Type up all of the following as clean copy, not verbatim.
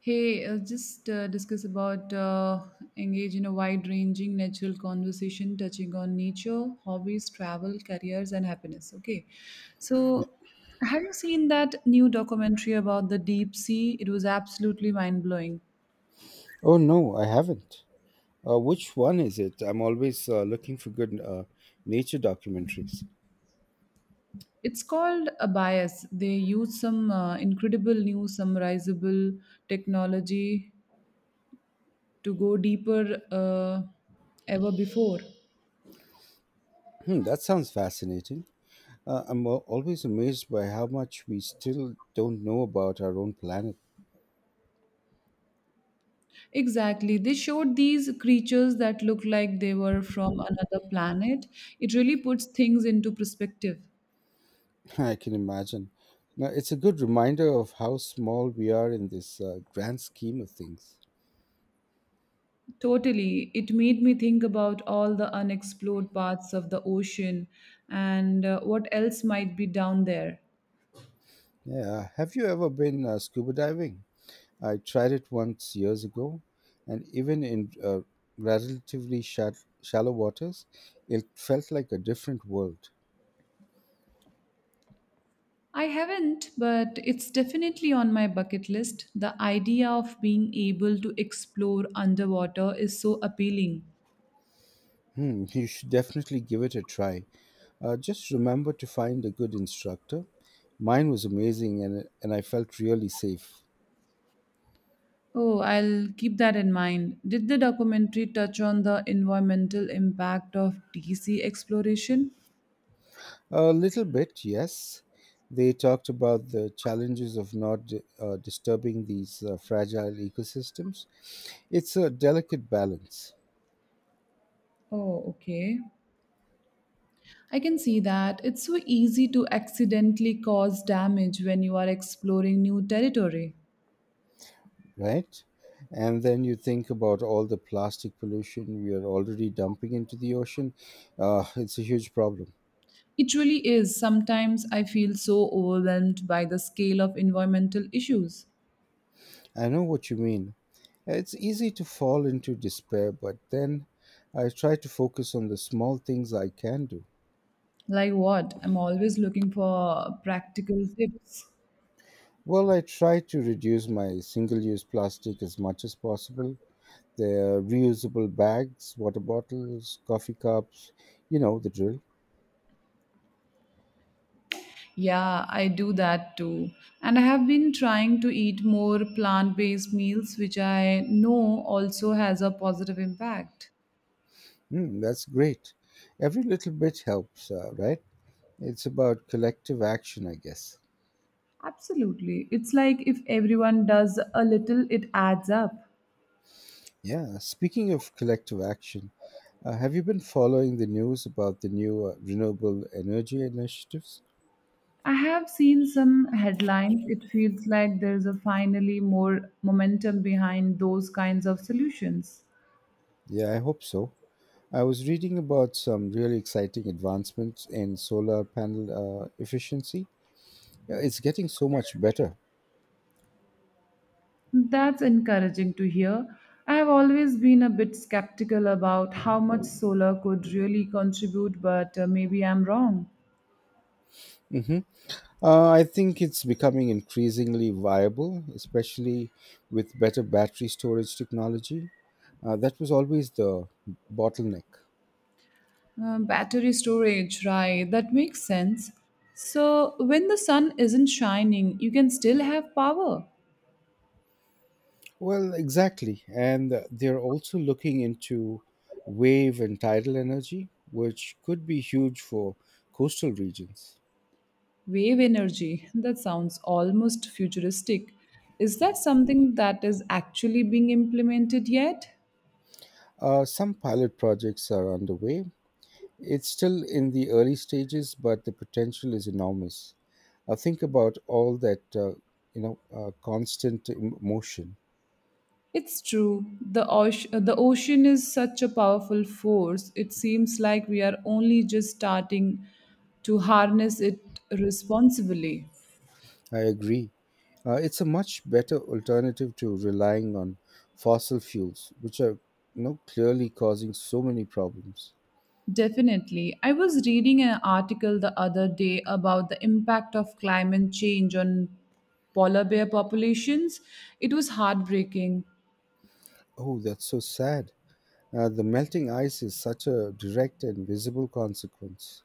Just discuss about engage in a wide-ranging natural conversation touching on nature, hobbies, travel, careers, and happiness. Okay, N- so have you seen that new documentary about the deep sea? It was absolutely mind-blowing. Oh no, I haven't. Which one is it? I'm always looking for good nature documentaries. It's called a bias. They use some incredible new summarizable technology to go deeper ever before. Hmm, that sounds fascinating. I'm always amazed by how much we still don't know about our own planet. Exactly. They showed these creatures that look like they were from another planet. It really puts things into perspective. I can imagine. Now, it's a good reminder of how small we are in this grand scheme of things. Totally. It made me think about all the unexplored parts of the ocean and what else might be down there. Yeah. Have you ever been scuba diving? I tried it once years ago, and even in relatively shallow waters, it felt like a different world. I haven't, but it's definitely on my bucket list. The idea of being able to explore underwater is so appealing. Hmm, you should definitely give it a try. Just remember to find a good instructor. Mine was amazing, and I felt really safe. Oh, I'll keep that in mind. Did the documentary touch on the environmental impact of DC exploration? A little bit, yes. They talked about the challenges of not disturbing these fragile ecosystems. It's a delicate balance. Oh, okay. I can see that. It's so easy to accidentally cause damage when you are exploring new territory. Right? And then you think about all the plastic pollution we are already dumping into the ocean. It's a huge problem. It really is. Sometimes I feel so overwhelmed by the scale of environmental issues. I know what you mean. It's easy to fall into despair, but then I try to focus on the small things I can do. Like what? I'm always looking for practical tips. Well, I try to reduce my single use plastic as much as possible. They're reusable bags, water bottles, coffee cups, you know the drill. Yeah, I do that too. And I have been trying to eat more plant-based meals, which I know also has a positive impact. Mm, that's great. Every little bit helps, right? It's about collective action, I guess. Absolutely. It's like if everyone does a little, it adds up. Yeah, speaking of collective action, have you been following the news about the new renewable energy initiatives? I have seen some headlines. It feels like there's a finally more momentum behind those kinds of solutions. Yeah, I hope so. I was reading about some really exciting advancements in solar panel efficiency. Yeah, it's getting so much better. That's encouraging to hear. I have always been a bit skeptical about how much solar could really contribute, but maybe I'm wrong. Hmm. I think it's becoming increasingly viable, especially with better battery storage technology. That was always the bottleneck. Battery storage, right, that makes sense. So, when the sun isn't shining, you can still have power. Well, exactly. And they're also looking into wave and tidal energy, which could be huge for coastal regions. Wave energy, that sounds almost futuristic. Is that something that is actually being implemented yet? Some pilot projects are underway. It's still in the early stages, but the potential is enormous. Think about all that, constant motion. It's true. The ocean is such a powerful force. It seems like we are only just starting to harness it responsibly. I agree. It's a much better alternative to relying on fossil fuels, which are, you know, clearly causing so many problems. Definitely. I was reading an article the other day about the impact of climate change on polar bear populations. It was heartbreaking. Oh, that's so sad. The melting ice is such a direct and visible consequence.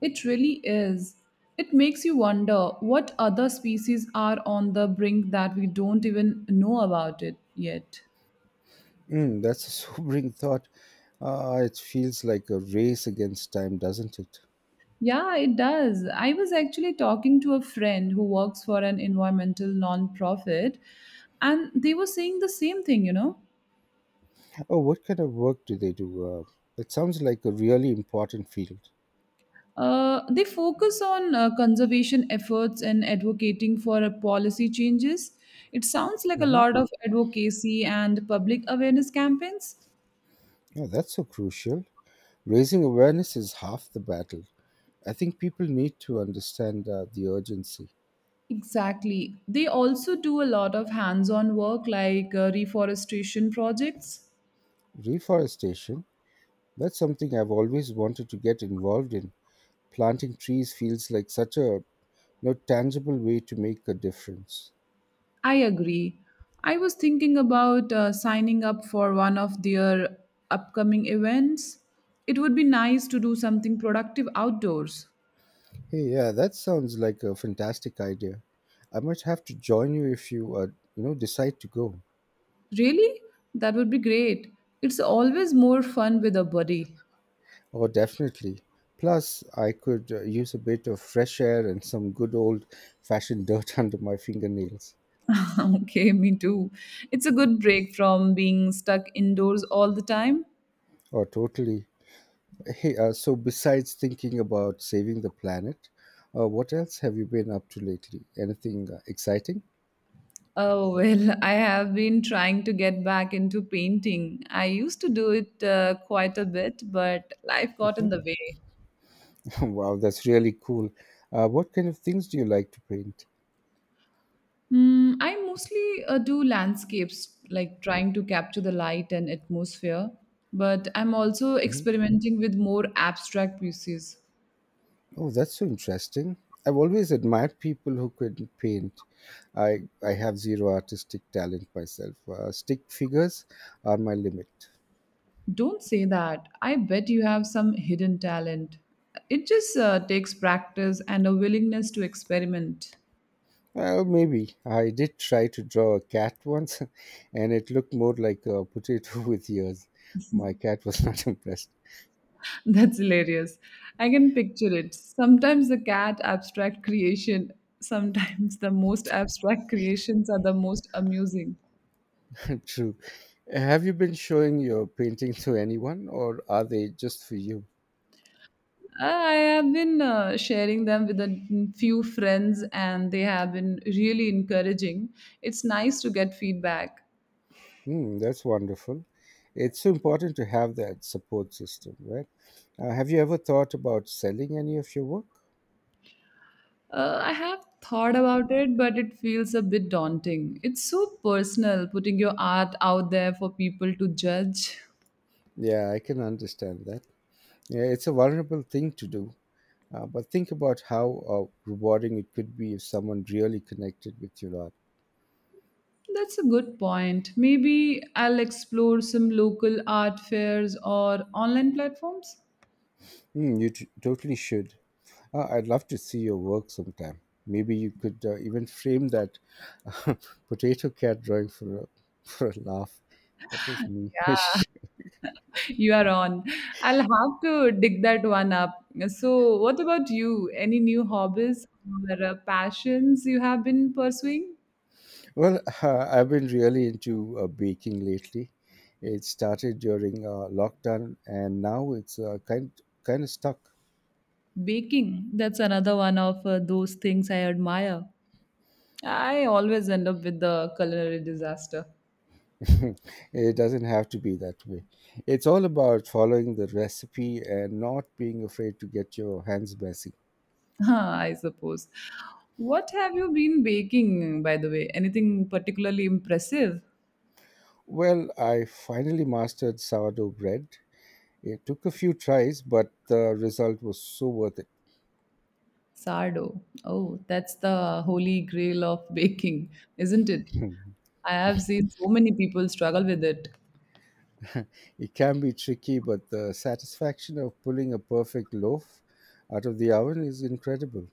It really is. It makes you wonder what other species are on the brink that we don't even know about it yet. Mm, that's a sobering thought. It feels like a race against time, doesn't it? Yeah, it does. I was actually talking to a friend who works for an environmental nonprofit, and they were saying the same thing. Oh, what kind of work do they do? It sounds like a really important field. They focus on conservation efforts and advocating for policy changes. It sounds like a Mm-hmm. lot of advocacy and public awareness campaigns. Oh, that's so crucial. Raising awareness is half the battle. I think people need to understand the urgency. Exactly. They also do a lot of hands on work like reforestation projects. Reforestation, that's something I've always wanted to get involved in. Planting trees feels like such a no tangible way to make a difference. I agree. I was thinking about signing up for one of their upcoming events. It would be nice to do something productive outdoors. Hey, yeah, that sounds like a fantastic idea. I might have to join you if you decide to go. Really? That would be great. It's always more fun with a buddy. Oh, definitely. Plus, I could use a bit of fresh air and some good old-fashioned dirt under my fingernails. Okay, me too. It's a good break from being stuck indoors all the time. Oh, totally. Hey, so besides thinking about saving the planet, what else have you been up to lately? Anything exciting? Oh, well, I have been trying to get back into painting. I used to do it quite a bit, but life got in the way. Wow, that's really cool. What kind of things do you like to paint? Mm, I mostly do landscapes, like trying to capture the light and atmosphere, but I'm also Mm-hmm. experimenting with more abstract pieces. Oh, that's so interesting. I've always admired people who could paint. I have zero artistic talent myself. Stick figures are my limit. Don't say that. I bet you have some hidden talent. It just takes practice and a willingness to experiment. Well, maybe. I did try to draw a cat once, and it looked more like a potato with ears. My cat was not impressed. That's hilarious. I can picture it. Sometimes the most abstract creations are the most amusing. True. Have you been showing your painting to anyone, or are they just for you? I have been sharing them with a few friends, and they have been really encouraging. It's nice to get feedback. Hmm, that's wonderful. It's so important to have that support system, right? Have you ever thought about selling any of your work? I have thought about it, but it feels a bit daunting. It's so personal putting your art out there for people to judge. Yeah, I can understand that. Yeah, it's a vulnerable thing to do, but think about how rewarding it could be if someone really connected with your art. That's a good point. Maybe I'll explore some local art fairs or online platforms. Hmm, you totally should. I'd love to see your work sometime. Maybe you could even frame that potato cat drawing for a, for a laugh. That was me. You are on. I'll have to dig that one up. So, what about you? Any new hobbies or passions you have been pursuing? Well, I've been really into baking lately. It started during lockdown, and now it's kind of stuck. Baking, that's another one of those things I admire. I always end up with the culinary disaster, It doesn't have to be that way. It's all about following the recipe and not being afraid to get your hands messy. I suppose. What have you been baking, by the way? Anything particularly impressive? Well, I finally mastered sourdough bread. It took a few tries, but the result was so worth it. Sardo. Oh, that's the holy grail of baking, isn't it? I have seen so many people struggle with it. It can be tricky, but the satisfaction of pulling a perfect loaf out of the oven is incredible.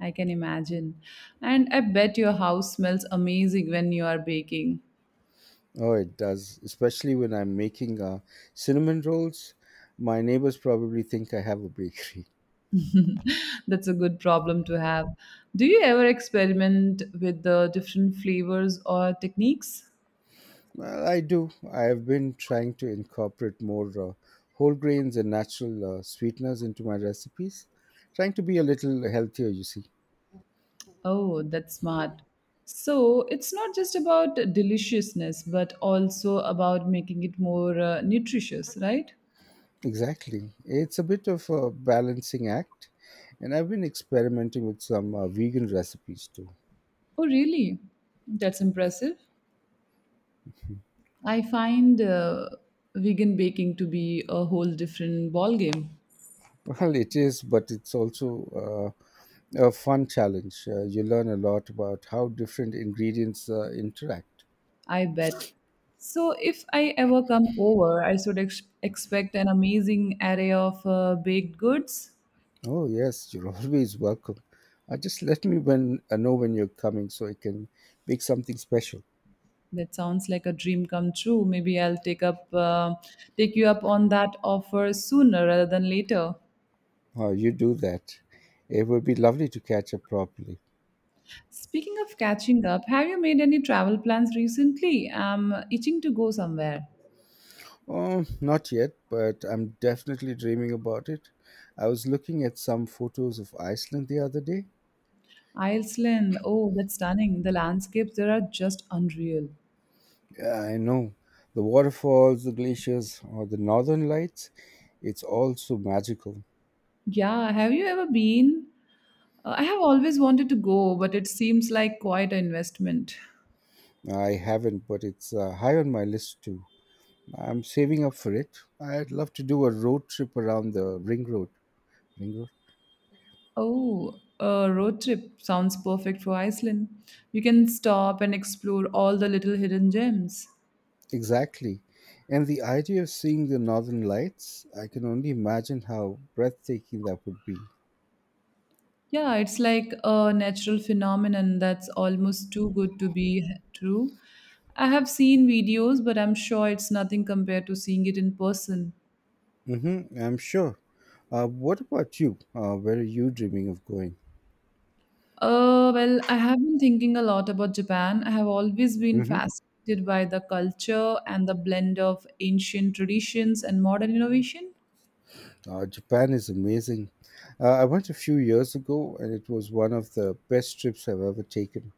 I can imagine. And I bet your house smells amazing when you are baking. Oh, it does, especially when I'm making cinnamon rolls. My neighbors probably think I have a bakery. That's a good problem to have. Do you ever experiment with the different flavors or techniques? Well, I do. I have been trying to incorporate more whole grains and natural sweeteners into my recipes, trying to be a little healthier, you see. Oh, that's smart. So it's not just about deliciousness, but also about making it more nutritious, right? Exactly. It's a bit of a balancing act, and I've been experimenting with some vegan recipes too. Oh, really? That's impressive. I find vegan baking to be a whole different ballgame. Well, it is, but it's also a fun challenge. You learn a lot about how different ingredients interact. I bet. So, if I ever come over, I should expect an amazing array of baked goods. Oh, yes, you're always welcome. Just let me when, know when you're coming so I can make something special. That sounds like a dream come true. Maybe I'll take you up on that offer sooner rather than later. Oh, you do that. It would be lovely to catch up properly. Speaking of catching up, have you made any travel plans recently? I'm itching to go somewhere. Oh, not yet, but I'm definitely dreaming about it. I was looking at some photos of Iceland the other day. Iceland. Oh, that's stunning. The landscapes there are just unreal. Yeah, I know. The waterfalls, the glaciers, or the northern lights, it's all so magical. Yeah, have you ever been? I have always wanted to go, but it seems like quite an investment. I haven't, but it's high on my list too. I'm saving up for it. I'd love to do a road trip around the ring road. Ring road? Oh, a road trip sounds perfect for Iceland. You can stop and explore all the little hidden gems. Exactly. And the idea of seeing the northern lights, I can only imagine how breathtaking that would be. Yeah, it's like a natural phenomenon that's almost too good to be true. I have seen videos, but I'm sure it's nothing compared to seeing it in person. Mm-hmm, I'm sure. What about you? Where are you dreaming of going? Well, I have been thinking a lot about Japan. I have always been Mm-hmm. fascinated by the culture and the blend of ancient traditions and modern innovation. Japan is amazing. I went a few years ago and it was one of the best trips I've ever taken.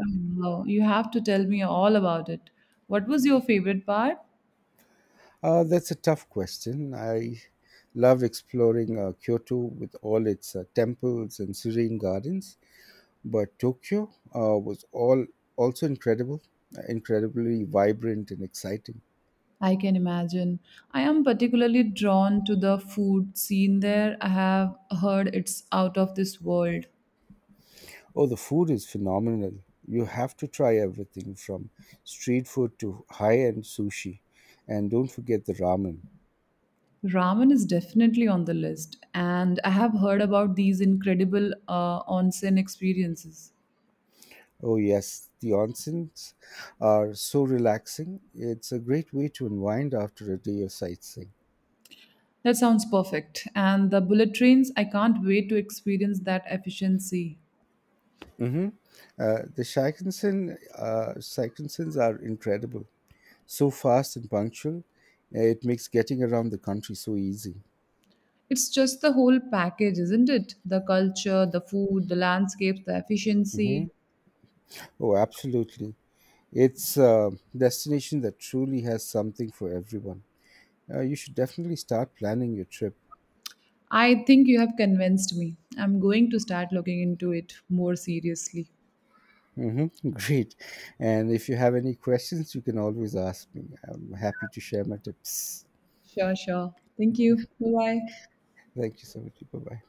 You have to tell me all about it. What was your favorite part? That's a tough question. I love exploring Kyoto with all its temples and serene gardens, but Tokyo was all also incredible, incredibly vibrant and exciting. I can imagine. I am particularly drawn to the food scene there. I have heard it's out of this world. Oh, the food is phenomenal. You have to try everything from street food to high end sushi. And don't forget the ramen. Ramen is definitely on the list, and I have heard about these incredible onsen experiences. Oh, yes, the onsens are so relaxing. It's a great way to unwind after a day of sightseeing. That sounds perfect. And the bullet trains, I can't wait to experience that efficiency. Hmm. The Shikensens, Shikensens are incredible, so fast and punctual. It makes getting around the country so easy. It's just the whole package, isn't it? The culture, the food, the landscapes, the efficiency. Hmm. Oh, absolutely. It's a destination that truly has something for everyone. You should definitely start planning your trip. I think you have convinced me. I'm going to start looking into it more seriously. Mm-hmm. Great. And if you have any questions, you can always ask me. I'm happy to share my tips. Sure, sure. Thank you. Bye bye. Thank you so much. Bye bye.